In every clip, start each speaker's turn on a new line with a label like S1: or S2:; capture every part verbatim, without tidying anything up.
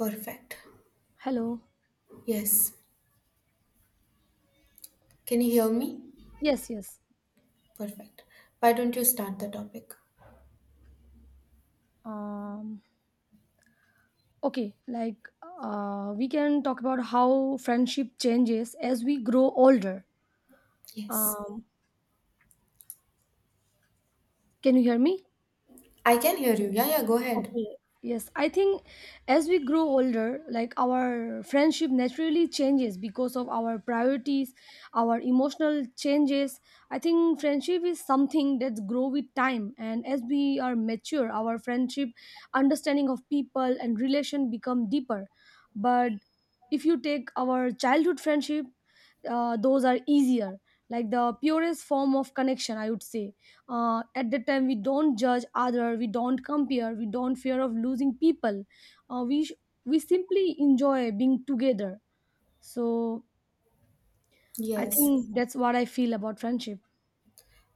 S1: Perfect.
S2: Hello.
S1: Yes. Can you hear me?
S2: Yes, yes.
S1: Perfect. Why don't you start the topic?
S2: Um, okay, like uh, we can talk about how friendship changes as we grow older.
S1: Yes.
S2: Um, can you hear me?
S1: I can hear you. Yeah, yeah, go ahead.
S2: Okay. Yes, I think as we grow older, like our friendship naturally changes because of our priorities, our emotional changes. I think friendship is something that grow with time and as we are mature, our friendship understanding of people and relation become deeper. But if you take our childhood friendship, uh, those are easier, like the purest form of connection, I would say uh, at that time we don't judge other, we don't compare, we don't fear of losing people. uh, we sh- we simply enjoy being together, so I
S1: Yes.
S2: think that's what I feel about friendship.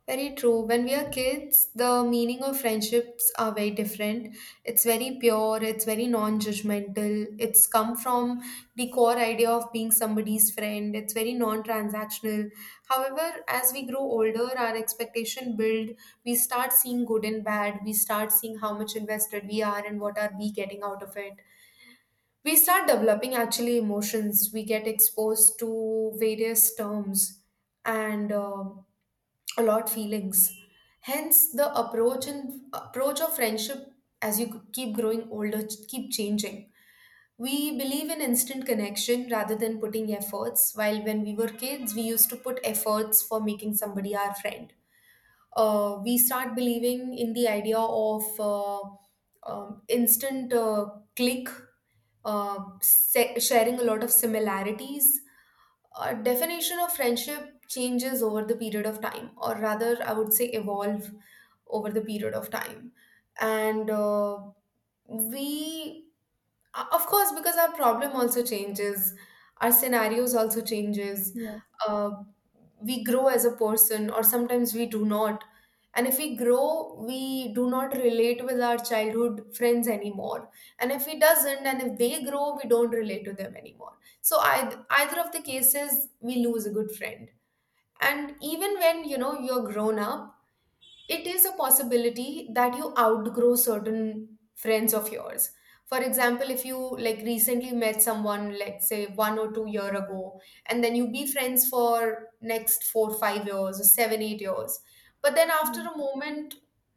S1: Very true. When we are kids, the meaning of friendships are very different. It's very pure, it's very non-judgmental. It's come from the core idea of being somebody's friend. It's very non-transactional. However, as we grow older, our expectation build, we start seeing good and bad. We start seeing how much invested we are and what are we getting out of it. We start developing actually emotions. We get exposed to various terms and um a lot feelings, hence the approach and approach of friendship. As you keep growing older, ch- keep changing, we believe in instant connection rather than putting efforts, while when we were kids we used to put efforts for making somebody our friend. Uh, we start believing in the idea of uh, um, instant uh, click, uh, se- sharing a lot of similarities. A definition of friendship changes over the period of time, or rather I would say evolve over the period of time, and uh, we uh, of course, because our problem also changes, our scenarios also changes.
S2: Yes,
S1: uh, we grow as a person, or sometimes we do not. And if we grow, we do not relate with our childhood friends anymore. And if we doesn't, and if they grow, we don't relate to them anymore, so either, either of the cases, we lose a good friend. And even when, you know, you're grown up, it is a possibility that you outgrow certain friends of yours. For example, if you like recently met someone, let's say one or two year ago, and then you be friends for next four five years or seven eight years, but then after a moment,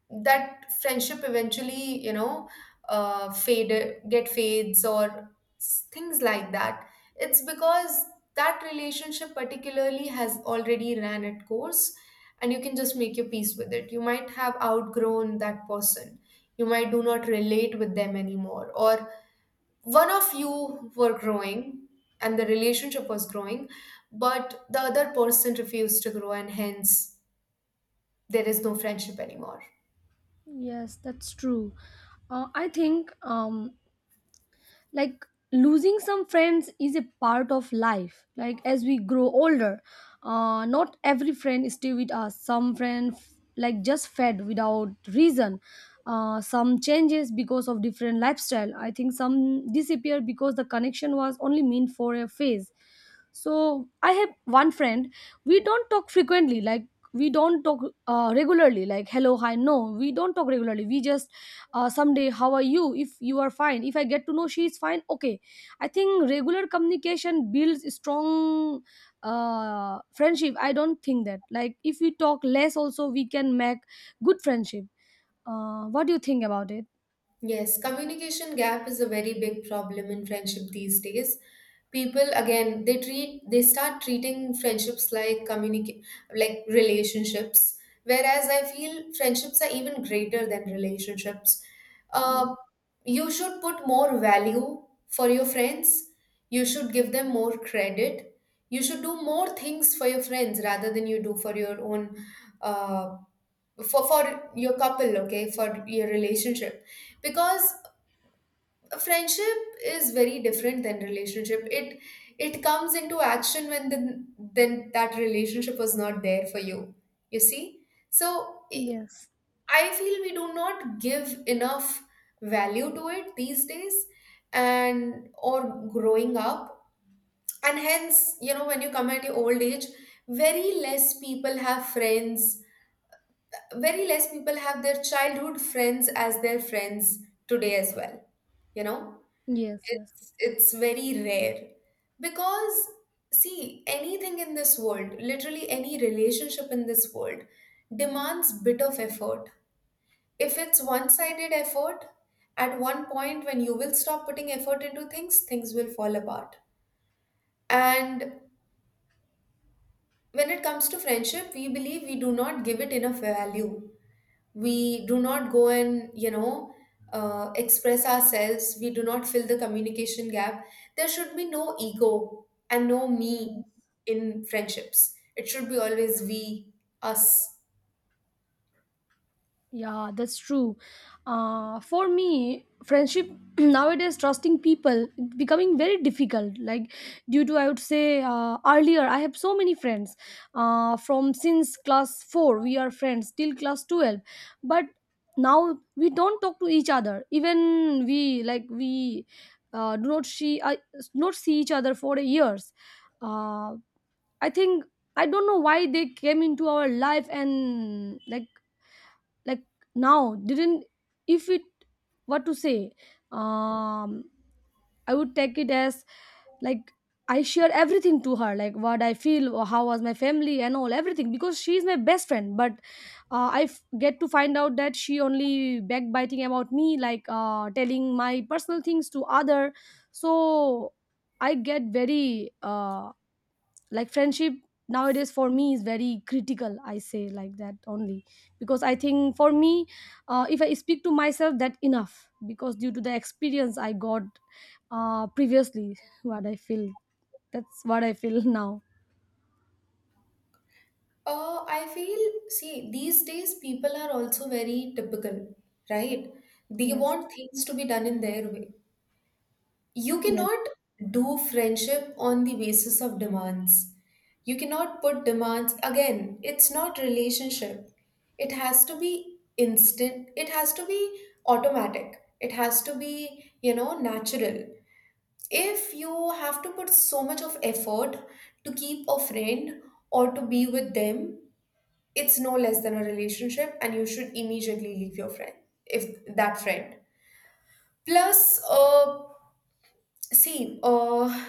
S1: that friendship eventually, you know, uh, fade get fades, or s- things like that. It's because that relationship particularly has already ran its course, and you can just make your peace with it. You might have outgrown that person. You might do not relate with them anymore, or one of you were growing and the relationship was growing, but the other person refused to grow, and hence there is no friendship anymore.
S2: yes, that's true. uh, I think, um like, losing some friends is a part of life, like as we grow older. Uh, not every friend stay with us, some friend f- like, just fed without reason. Uh, some changes because of different lifestyle. I think some disappear because the connection was only meant for a phase. So I have one friend, we don't talk frequently, like we don't talk uh, regularly, like hello hi, no, we don't talk regularly. We just uh, someday how are you, if you are fine, if I get to know she is fine, okay. I think regular communication builds strong uh, friendship. I don't think that, like, if we talk less also we can make good friendship. Uh, what do you think about it?
S1: Yes, communication gap is a very big problem in friendship these days. People again, they treat they start treating friendships like communicate like relationships, whereas I feel friendships are even greater than relationships. Uh,
S2: Y-
S1: you should put more value for your friends. You should give them more credit. You should do more things for your friends rather than you do for your own, uh, for for your couple, okay, for your relationship, because friendship is very different than relationship. It it comes into action when then then that relationship was not there for you, you see. so i
S2: yes,
S1: I feel we do not give enough value to it these days. And or growing up, and hence, you know, when you come at your old age, very less people have friends, very less people have their childhood friends as their friends today as well, you know.
S2: yes,
S1: It's it's very rare, because, see, anything in this world, literally any relationship in this world demands bit of effort. If it's one-sided effort, at one point when you will stop putting effort into things, things will fall apart. And when it comes to friendship, we believe we do not give it enough value. We do not go and, you know, uh, express ourselves. We do not fill the communication gap. There should be no ego and no me
S2: yes.
S1: in friendships. It should be always we, us.
S2: Yeah, that's true. Uh, for me, friendship nowadays, trusting people, it's becoming very difficult. Like, due to, I would say, uh, earlier, I have so many friends. Uh, from since class four, we are friends till class twelve. But now we don't talk to each other. Even we, like, we uh, do not see, uh, not see each other for years. Uh, I think, I don't know why they came into our life and, like, like now didn't, if it, what to say. um I would take it as, like, I share everything to her, like what I feel or how was my family and all everything, because she is my best friend. But uh, i f- get to find out that she only backbiting about me, like uh, telling my personal things to other. So I get very uh, like friendship nowadays for me is very critical, I say, like, that only. Because I think for me, uh, if I speak to myself that enough, because due to the experience I got uh, previously, what I feel, that's what I feel now.
S1: Uh, i feel, see these days people are also very typical, right? They
S2: Yes,
S1: want things to be done in their way. You
S2: yes,
S1: cannot do friendship on the basis of demands. You cannot put demands, again, it's not relationship. It has to be instant, it has to be automatic, it has to be, you know, natural. If you have to put so much of effort to keep a friend or to be with them, it's no less than a relationship, and you should immediately leave your friend. If that friend plus uh see uh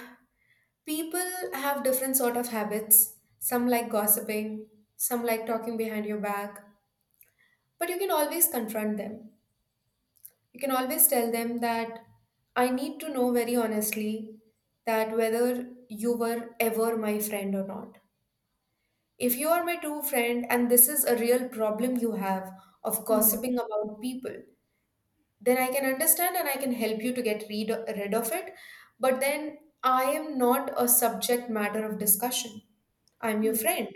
S1: People have different sort of habits. Some like gossiping, some like talking behind your back, but you can always confront them. You can always tell them that I need to know very honestly that whether you were ever my friend or not. If you are my true friend and this is a real problem you have of
S2: yes,
S1: gossiping about people, then I can understand and I can help you to get rid, rid of it. But then I am not a subject matter of discussion. I'm your
S2: yes,
S1: friend.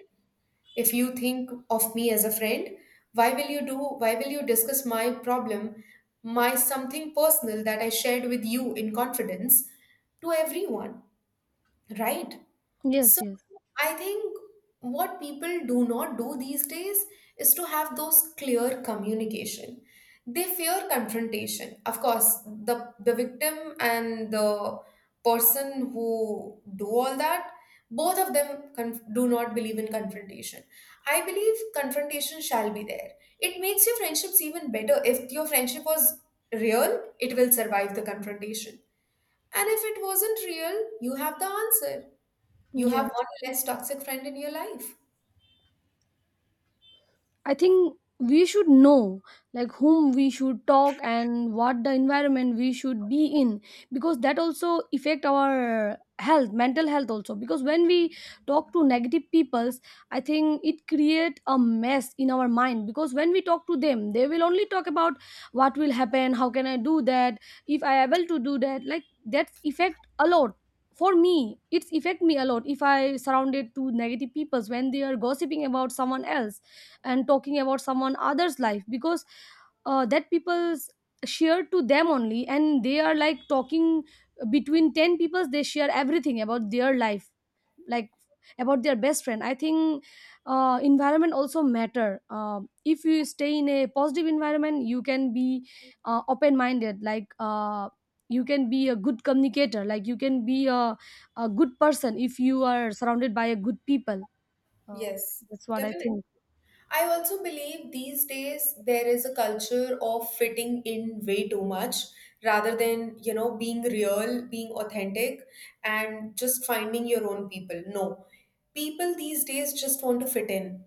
S1: If you think of me as a friend, why will you do, why will you discuss my problem, my something personal that I shared with you in confidence, to everyone, right?
S2: yes.
S1: So
S2: Yes,
S1: I think what people do not do these days is to have those clear communication. They fear confrontation. Of course, the the victim and the person who do all that, both of them conf- do not believe in confrontation. I believe confrontation shall be there. It makes your friendships even better. If your friendship was real, it will survive the confrontation. And if it wasn't real, you have the answer. You have
S2: yes.
S1: one less toxic friend in your life.
S2: I think we should know, like, whom we should talk and what the environment we should be in, because that also affect our health, mental health also, because when we talk to negative peoples, I think it create a mess in our mind, because when we talk to them they will only talk about what will happen, how can I do that, if I able to do that, like, that's effect a lot. For me it's affect me a lot if I surrounded to negative peoples when they are gossiping about someone else and talking about someone other's life, because uh, that people's share to them only and they are, like, talking between ten people, they share everything about their life, like about their best friend, I think. Uh, environment also matter. Uh, if you stay in a positive environment you can be uh, open minded, like uh, you can be a good communicator, like you can be a, a good person if you are surrounded by a good people. uh,
S1: Yes,
S2: that's what I
S1: definitely.
S2: think.
S1: I also believe these days there is a culture of fitting in way too much rather than, you know, being real, being authentic, and just finding your own people. No, people these days just want to fit in.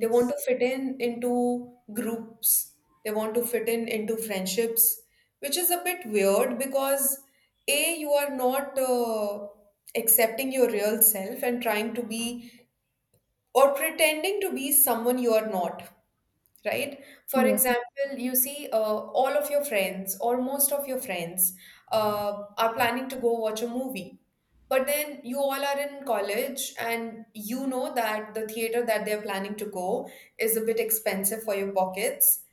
S1: They want to fit in into groups, they want to fit in into friendships, which is a bit weird because, A, you are not uh, accepting your real self and trying to be, or pretending to be, someone you are not, right? For
S2: yes.
S1: example, you see, uh, all of your friends, or most of your friends uh, are planning to go watch a movie. But then you all are in college and you know that the theater that they're planning to go is a bit expensive for your pockets,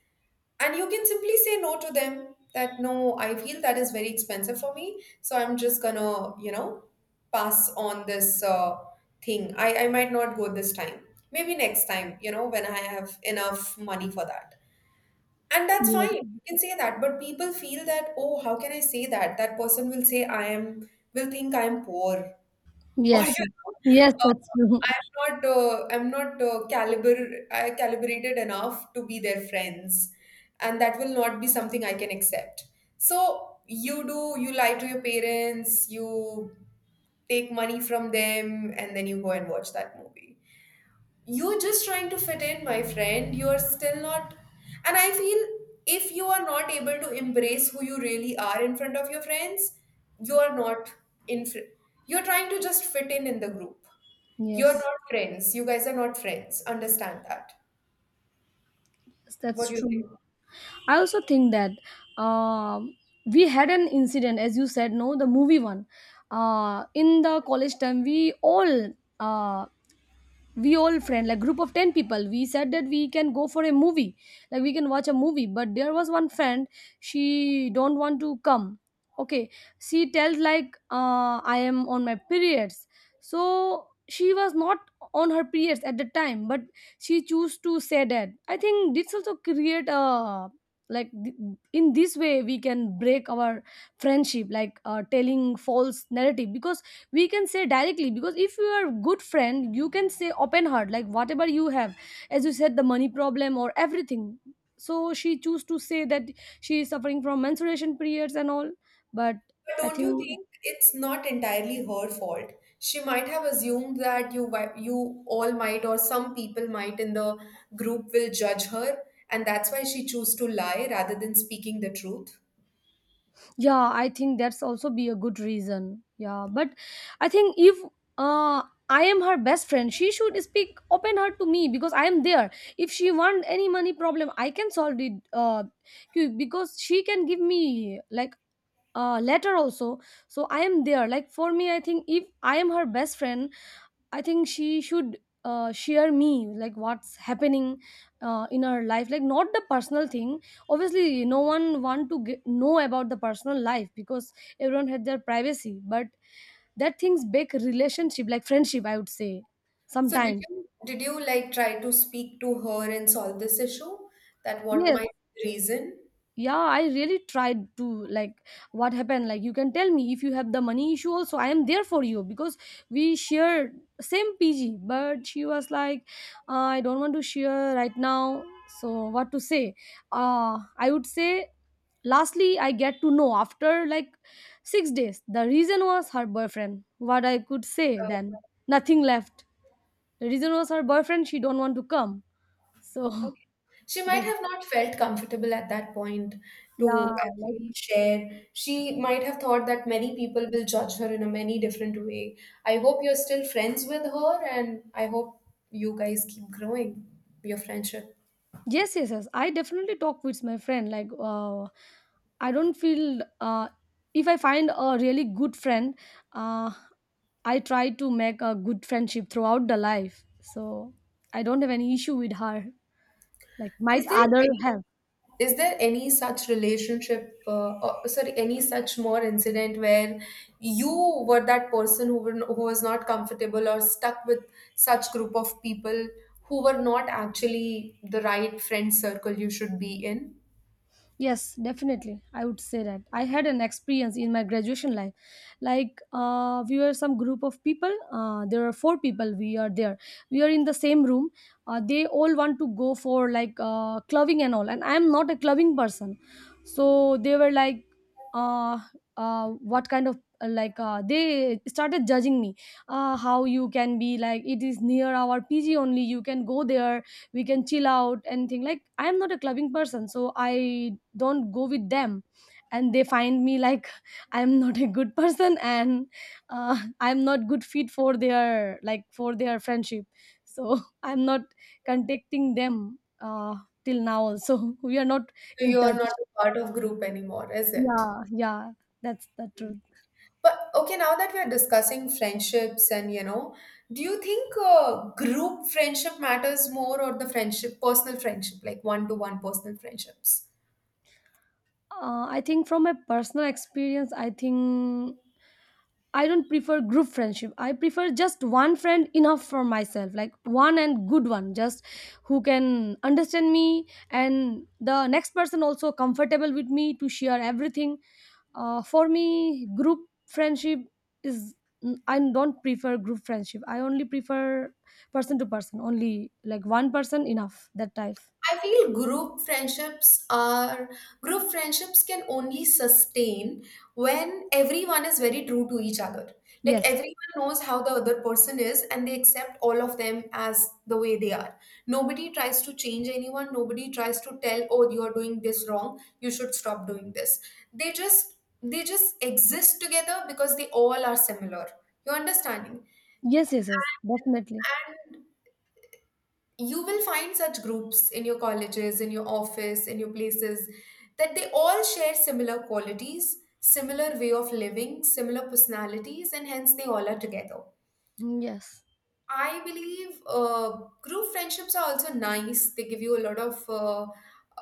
S1: and you can simply say no to them that no, I feel that is very expensive for me, so I'm just gonna, you know, pass on this uh, thing. I, I might not go this time, maybe next time, you know, when I have enough money for that. And that's
S2: Yes,
S1: fine, you can say that, but people feel that, oh, how can I say that, that person will say i am will think I am poor, or, you
S2: yes, yes,
S1: know,
S2: that's true.
S1: uh, I'm not uh, I'm not uh, caliber I calibrated enough to be their friends, and that will not be something I can accept. So you do you lie to your parents, you take money from them, and then you go and watch that movie. You're just trying to fit in, my friend, you're still not. And I feel, if you are not able to embrace who you really are in front of your friends, you're not, in fr- you're trying to just fit in in the group. You're
S2: Yes,
S1: not friends, you guys are not friends, understand that.
S2: yes, that's
S1: What do you
S2: true.
S1: think?
S2: I also think that, um, we had an incident, as you said, no, the movie one. Uh, in the college time, we all uh, we all friend, like group of ten people, we said that we can go for a movie, like we can watch a movie, but there was one friend, she don't want to come, okay. She tells like, uh, I am on my periods. So she was not on her periods at the time, but she chose to say that. I think this also create a, like th- in this way we can break our friendship, like uh, telling false narrative, because we can say directly, because if you are good friend you can say open heart, like whatever you have, as you said, the money problem or everything. So she choose to say that she is suffering from menstruation periods and all. But
S1: But
S2: I
S1: don't you
S2: think,
S1: think it's not entirely her fault? She might have assumed that you wi- you all might, or some people might in the group, will judge her, and that's why she chose to lie rather than speaking the truth.
S2: yeah, I think that's also be a good reason. Yeah, but I think if, uh, I am her best friend, she should speak open heart to me because I am there. If she want any money problem I can solve it. Uh, cu- because she can give me, like, uh, letter also, so I am there. Like, for me, I think if I am her best friend, I think she should uh, share me, like what's happening uh, in her life, like, not the personal thing. Obviously no one want to get, know about the personal life, because everyone had their privacy. But that things, big relationship like friendship, I would say,
S1: So did
S2: sometimes.
S1: you did you like try to speak to her and solve this issue? That what
S2: Yes.
S1: might be the reason?
S2: Yeah, I really tried to, like, what happened, like, you can tell me if you have the money issue also, I am there for you, because we share same pg. But she was like, "Uh, I don't want to share right now." So what to say. uh I would say lastly I get to know after like six days the reason was her boyfriend. What I could say then? Nothing left. The reason was her boyfriend, she don't want to come. So
S1: Okay. She might
S2: that,
S1: have not felt comfortable at that point
S2: yeah,
S1: to
S2: like.
S1: actually share. She might have thought that many people will judge her in a many different way. I hope you're still friends with her, and I hope you guys keep growing your friendship.
S2: Yes, yes, yes. I definitely talk with my friend. Like, uh, I don't feel, uh, if I find a really good friend, uh, I try to make a good friendship throughout the life. So I don't have any issue with her. Like, might
S1: Is there
S2: other
S1: any,
S2: have?
S1: is there any such relationship, uh, or sorry, any such more incident where you were that person who, were, who was not comfortable or stuck with such group of people who were not actually the right friend circle you should be in?
S2: Yes, definitely. I would say that. I had an experience in my graduation life. Like, uh, we were some group of people. Uh, there are four people. We are there. We are in the same room. Uh, they all want to go for, like, uh, clubbing and all. And I'm not a clubbing person. So they were like, uh, uh, what kind of, uh, like uh, they started judging me, uh, how you can be, like, it is near our pg only, you can go there, we can chill out and think, like, I am not a clubbing person, so I don't go with them. And they find me like, I am not a good person and uh, I am not good fit for their like for their friendship. So I am not contacting them, uh, till now also we are not
S1: So
S2: in
S1: you are not
S2: touch.
S1: a part of group anymore, is it?
S2: Yeah, yeah, that's the truth.
S1: But okay, now that we are discussing friendships, and, you know, do you think uh, group friendship matters more, or the friendship, personal friendship, like one to one personal friendships?
S2: uh, I think from my personal experience, i think I don't prefer group friendship. I prefer just one friend enough for myself, like one and good one, just who can understand me and the next person also comfortable with me to share everything. Uh, for me, group friendship is, I don't prefer group friendship. I only prefer person to person, only like one person enough that type.
S1: I feel group friendships are, group friendships can only sustain when everyone is very true to each other. Like,
S2: Yes,
S1: everyone knows how the other person is, and they accept all of them as the way they are. Nobody tries to change anyone, nobody tries to tell, oh, you are doing this wrong, you should stop doing this. They just, they just exist together because they all are similar. You understanding?
S2: yes, yes, yes, definitely.
S1: You will find such groups in your colleges, in your office, in your places, that they all share similar qualities, similar way of living, similar personalities, and hence they all are together.
S2: Yes,
S1: I believe uh, group friendships are also nice. They give you a lot of uh,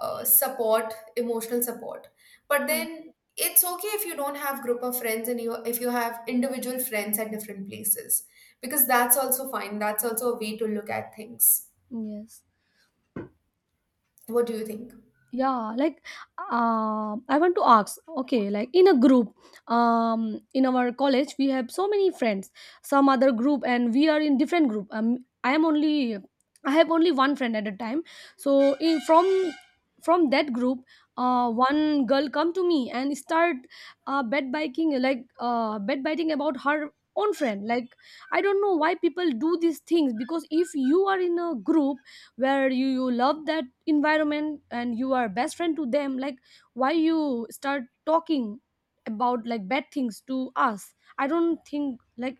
S1: uh, support, emotional support. But then it's okay if you don't have group of friends and you if you have individual friends at different places because that's also fine. That's also a way to look at things.
S2: yes.
S1: What do you think?
S2: Yeah, like, um I want to ask, okay, like, in a group, um in our college we have so many friends, some other group and we are in different group. um i am only I have only one friend at a time. So in, from from that group, uh one girl come to me and start, uh bed biking, like, uh bed biting about her own friend, like, I don't know why people do these things, because if you are in a group where you you love that environment and you are best friend to them, like, why you start talking about, like, bad things to us. I don't think, like,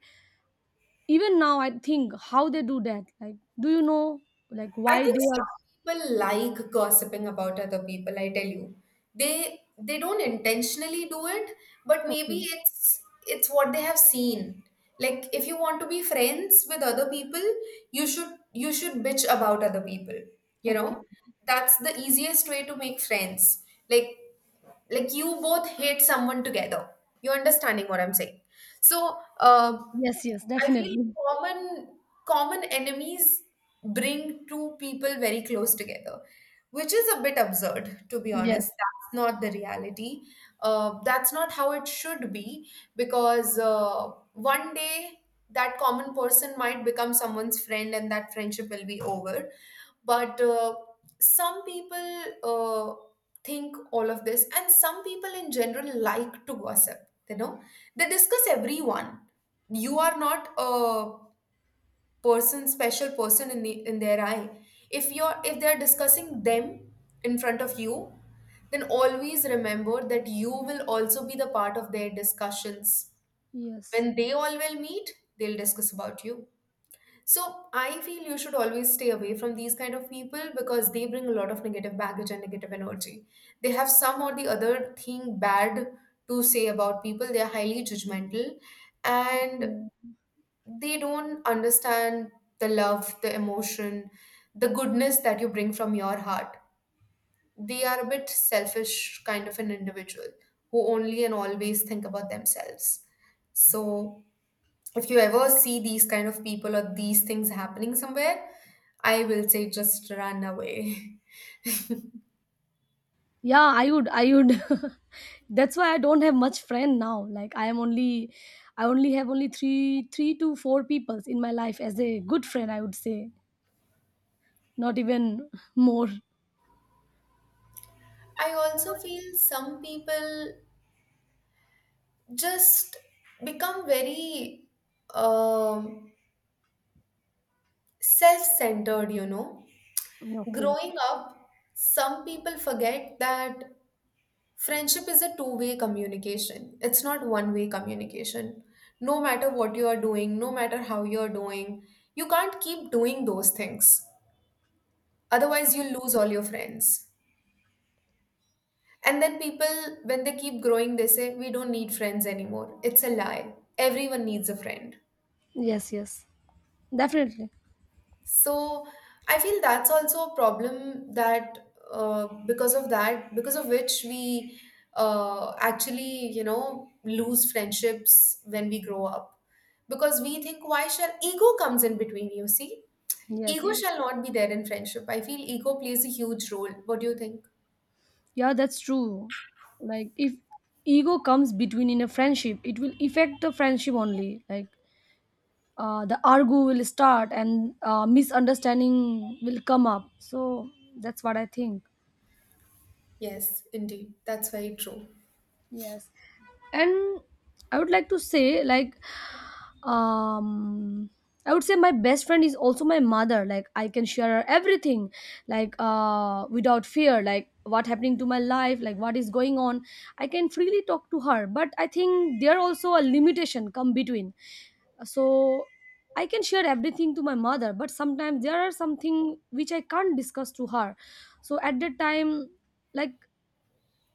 S2: even now I think how they do that, like, do you know, like,
S1: I
S2: why
S1: think
S2: they are.
S1: some people like gossiping about other people, I tell you. They they don't intentionally do it, but maybe
S2: Okay.
S1: it's it's what they have seen. Like if you want to be friends with other people, you should you should bitch about other people. You
S2: Okay.
S1: know? That's the easiest way to make friends. Like like you both hate someone together. You're understanding what I'm saying. So uh,
S2: Yes, yes,
S1: I feel
S2: definitely.
S1: common common enemies bring two people very close together, which is a bit absurd, to be
S2: Yes,
S1: honest. That's not the reality. Uh, that's not how it should be because uh, one day that common person might become someone's friend and that friendship will be over. But uh, Some people uh, think all of this, and some people in general like to gossip, you know, they discuss everyone. You are not a person special person in the in their eye. If you're if they're discussing them in front of you, then always remember that you will also be the part of their discussions.
S2: yes.
S1: When they all will meet, they'll discuss about you. So I feel you should always stay away from these kind of people because they bring a lot of negative baggage and negative energy. They have some or the other thing bad to say about people. They are highly judgmental, and
S2: Yeah,
S1: they don't understand the love, the emotion, the goodness that you bring from your heart. They are a bit selfish kind of an individual who only and always think about themselves. So, if you ever see these kind of people or these things happening somewhere, I will say just run away.
S2: yeah, i would i would that's why I don't have much friend now, like i am only I only have only three three to four peoples in my life as a good friend, I would say, not even more.
S1: I also feel some people just become very um self centered, you know.
S2: Okay.
S1: Growing up, some people forget that friendship is a two way communication. It's not one way communication. No matter what you are doing, no matter how you are doing, you can't keep doing those things. Otherwise, you lose all your friends. And then people, when they keep growing, they say, We don't need friends anymore. It's a lie. Everyone needs a friend.
S2: Yes, yes. Definitely.
S1: So I feel that's also a problem that uh, because of that, because of which we uh, actually, you know, lose friendships when we grow up. Because we think, why shall ego comes in between, you see?
S2: Yes,
S1: Ego
S2: yes.
S1: shall not be there in friendship. I feel ego plays a huge role. What do you think?
S2: Yeah, that's true. Like, if ego comes between in a friendship, it will affect the friendship only. Like uh, the argue will start and uh, misunderstanding will come up. So that's what I think.
S1: Yes, indeed. That's very true.
S2: Yes. And I would like to say, like, um I would say my best friend is also my mother. Like, I can share her everything, like uh without fear, like what happening to my life, like what is going on. I can freely talk to her, but I think there also a limitation come between. So I can share everything to my mother, but sometimes there are something which I can't discuss to her. So at that time, like,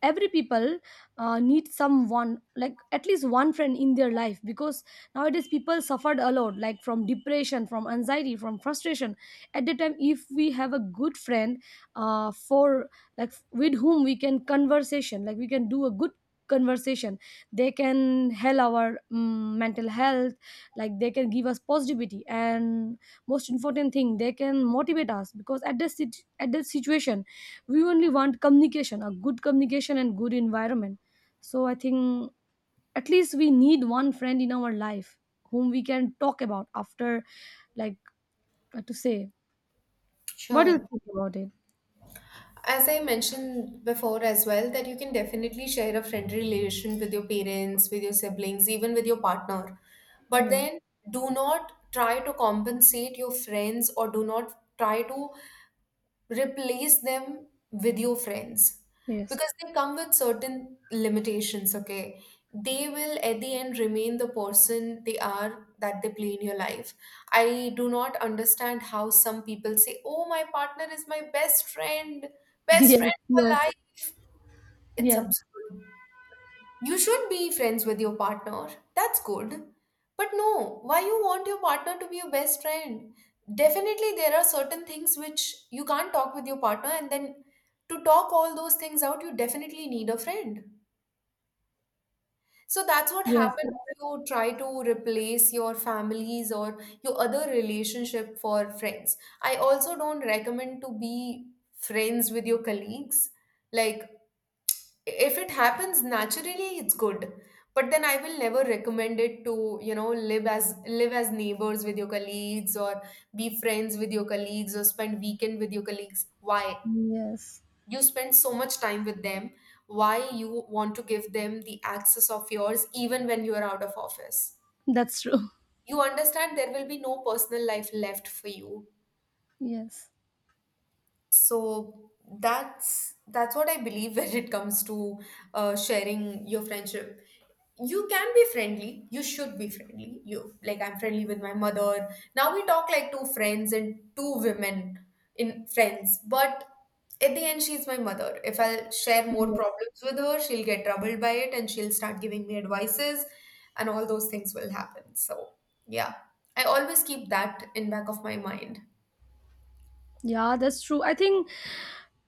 S2: every people uh, need someone, like, at least one friend in their life, because nowadays people suffered a lot, like from depression, from anxiety, from frustration. At that time if we have a good friend, uh, for, like, with whom we can conversation, like we can do a good conversation, they can help our um, mental health, like they can give us positivity, and most important thing, they can motivate us, because at this sit- at this situation we only want communication, a good communication and good environment. So I think at least we need one friend in our life, whom we can talk about after, like, what to say. What do you
S1: Sure.
S2: think about it?
S1: As I mentioned before as well, that you can definitely share a friendly relation with your parents, with your siblings, even with your partner. But
S2: Yeah.
S1: then do not try to compensate your friends or do not try to replace them with your friends
S2: Yes.
S1: because they come with certain limitations. Okay, they will at the end remain the person they are that they play in your life. I do not understand how some people say, oh, my partner is my best friend, best
S2: Yes,
S1: friend for
S2: yes,
S1: life. It's
S2: yes,
S1: absurd. You should be friends with your partner. That's good. But no, why you want your partner to be your best friend? Definitely there are certain things which you can't talk with your partner, and then to talk all those things out you definitely need a friend. So that's what
S2: yes,
S1: happens when you try to replace your families or your other relationship for friends. I also don't recommend to be friends with your colleagues. Like if it happens naturally it's good, but then I will never recommend it to, you know, live as live as neighbors with your colleagues or be friends with your colleagues or spend weekend with your colleagues. Why
S2: yes,
S1: you spend so much time with them? Why you want to give them the access of yours even when you are out of office?
S2: that's true.
S1: You understand there will be no personal life left for you.
S2: Yes,
S1: So that's that's what I believe when it comes to uh, sharing your friendship. You can be friendly, you should be friendly. You like I'm friendly with my mother. Now we talk like two friends and two women in friends. But at the end she's my mother. If I'll share more
S2: yes.
S1: problems with her, she'll get troubled by it and she'll start giving me advices and all those things will happen. So yeah, I always keep that in back of my mind.
S2: Yeah, that's true. I think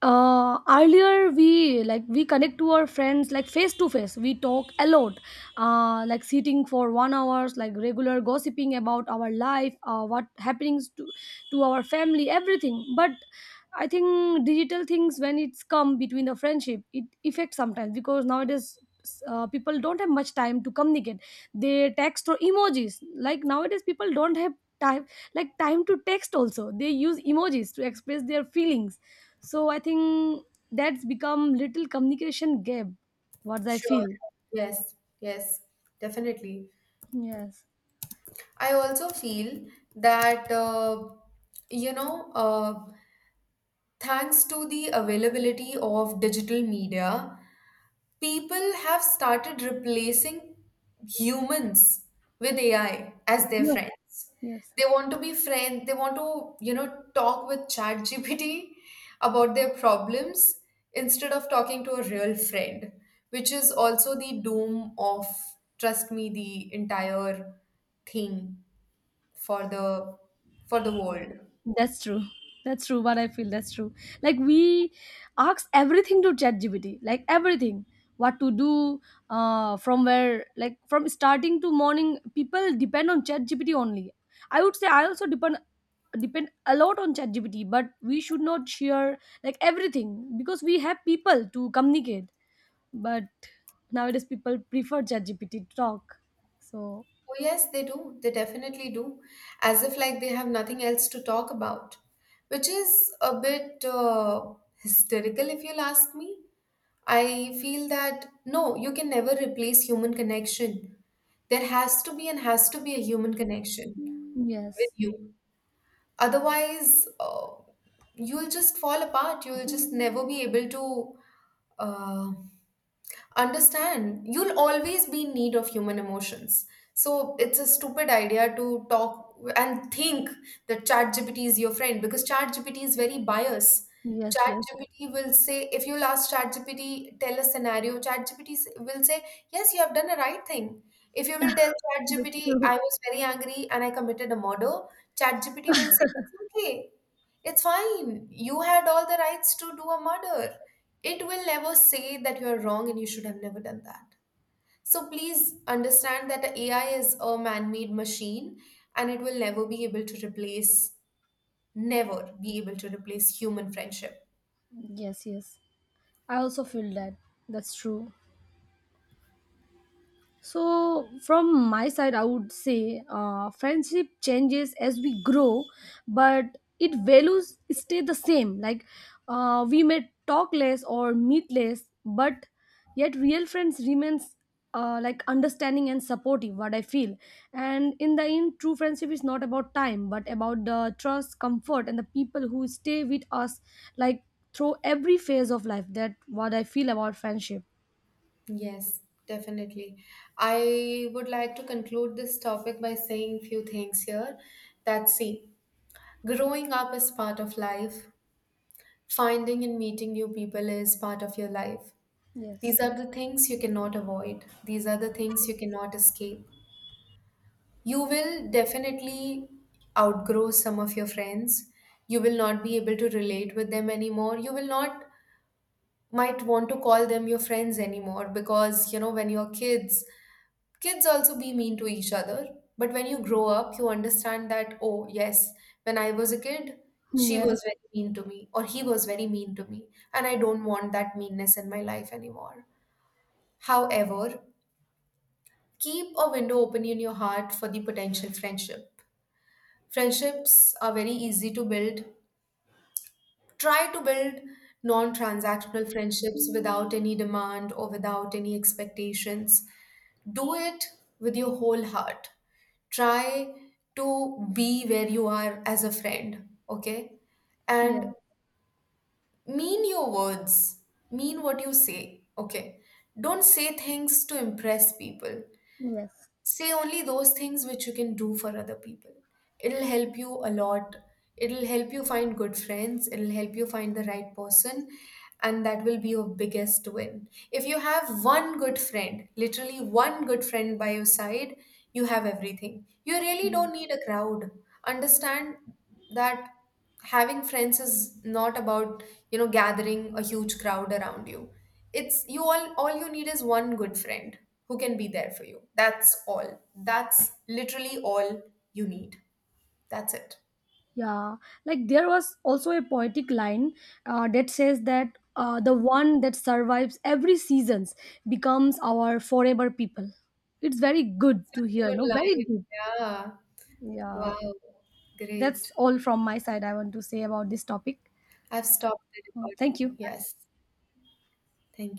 S2: uh, earlier we like we connect to our friends, like face to face. We talk a lot, uh, like sitting for one hours, like regular gossiping about our life, uh, what happenings to to our family, everything. But I think digital things when it's come between the friendship, it affects sometimes because nowadays. Uh, people don't have much time to communicate, they text or emojis, like nowadays people don't have time, like time to text also, they use emojis to express their feelings. So I think that's become little communication gap, what I
S1: Sure.
S2: feel.
S1: Yes, yes, definitely.
S2: Yes.
S1: I also feel that, uh, you know, uh, thanks to the availability of digital media, people have started replacing humans with A I as their
S2: Yes.
S1: friends.
S2: Yes.
S1: They want to be friends, they want to, you know, talk with ChatGPT about their problems instead of talking to a real friend, which is also the doom of, trust me, the entire thing for the for the world.
S2: That's true. That's true. What I feel, that's true. Like we ask everything to ChatGPT, like everything, what to do, uh, from where, like from starting to morning. People depend on ChatGPT only. I would say I also depend depend a lot on ChatGPT, but we should not share like everything because we have people to communicate. But nowadays, people prefer ChatGPT to talk. So
S1: Oh, yes, they do. They definitely do. As if like they have nothing else to talk about, which is a bit uh, hysterical if you'll ask me. I feel that no, you can never replace human connection. There has to be and has to be a human connection with
S2: yes,
S1: you. Otherwise, uh, you'll just fall apart. You'll just never be able to uh, understand. You'll always be in need of human emotions. So it's a stupid idea to talk and think that ChatGPT is your friend because ChatGPT is very biased.
S2: yes, yes.
S1: ChatGPT will say, if you'll ask ChatGPT tell a scenario, ChatGPT s- will say yes you have done a right thing. If you will tell
S2: That's
S1: ChatGPT
S2: true.
S1: I was very angry and I committed a murder, ChatGPT will say it's okay, it's fine. You had all the rights to do a murder. It will never say that you're wrong and you should have never done that. So please understand that the A I is a man made machine and it will never be able to replace, never be able to replace human friendship.
S2: Yes, yes. I also feel that, that's true. So, from my side, I would say, uh, friendship changes as we grow, but it values stay the same. Like uh, we may talk less or meet less, but yet real friends remains, uh, like, understanding and supportive. What I feel, and in the end, true friendship is not about time, but about the trust, comfort, and the people who stay with us, like, through every phase of life. That what I feel about friendship.
S1: Yes, definitely. I would like to conclude this topic by saying few things here. That see, growing up is part of life, finding and meeting new people is part of your life.
S2: Yes.
S1: These are the things you cannot avoid. These are the things you cannot escape. You will definitely outgrow some of your friends. You will not be able to relate with them anymore. You will not might want to call them your friends anymore because you know when you're kids, kids also be mean to each other. But when you grow up, you understand that oh yes, when I was a kid, she
S2: Yeah.
S1: was very mean to me or he was very mean to me and I don't want that meanness in my life anymore. However, keep a window open in your heart for the potential friendship. Friendships are very easy to build. Try to build non transactional friendships without any demand or without any expectations. Do it with your whole heart. Try to be where you are as a friend, okay?
S2: Yeah.
S1: And mean your words, mean what you say, okay? Don't say things to impress people,
S2: Yes.
S1: say only those things which you can do for other people. It'll help you a lot. It'll help you find good friends. It'll help you find the right person. And that will be your biggest win. If you have one good friend, literally one good friend by your side, you have everything. You really
S2: Mm.
S1: don't need a crowd. Understand that having friends is not about you know gathering a huge crowd around you. It's you all all you need is one good friend who can be there for you. That's all, that's literally all you need, that's it.
S2: Yeah. Like there was also a poetic line uh, that says that uh, the one that survives every seasons becomes our forever people. It's very good to hear.
S1: Good
S2: No, very
S1: line.
S2: good.
S1: Yeah.
S2: Yeah.
S1: Wow,
S2: That's
S1: great.
S2: all from my side. I want to say about this topic.
S1: I've stopped the
S2: Uh, Thank
S1: recording.
S2: you.
S1: Yes, thank you.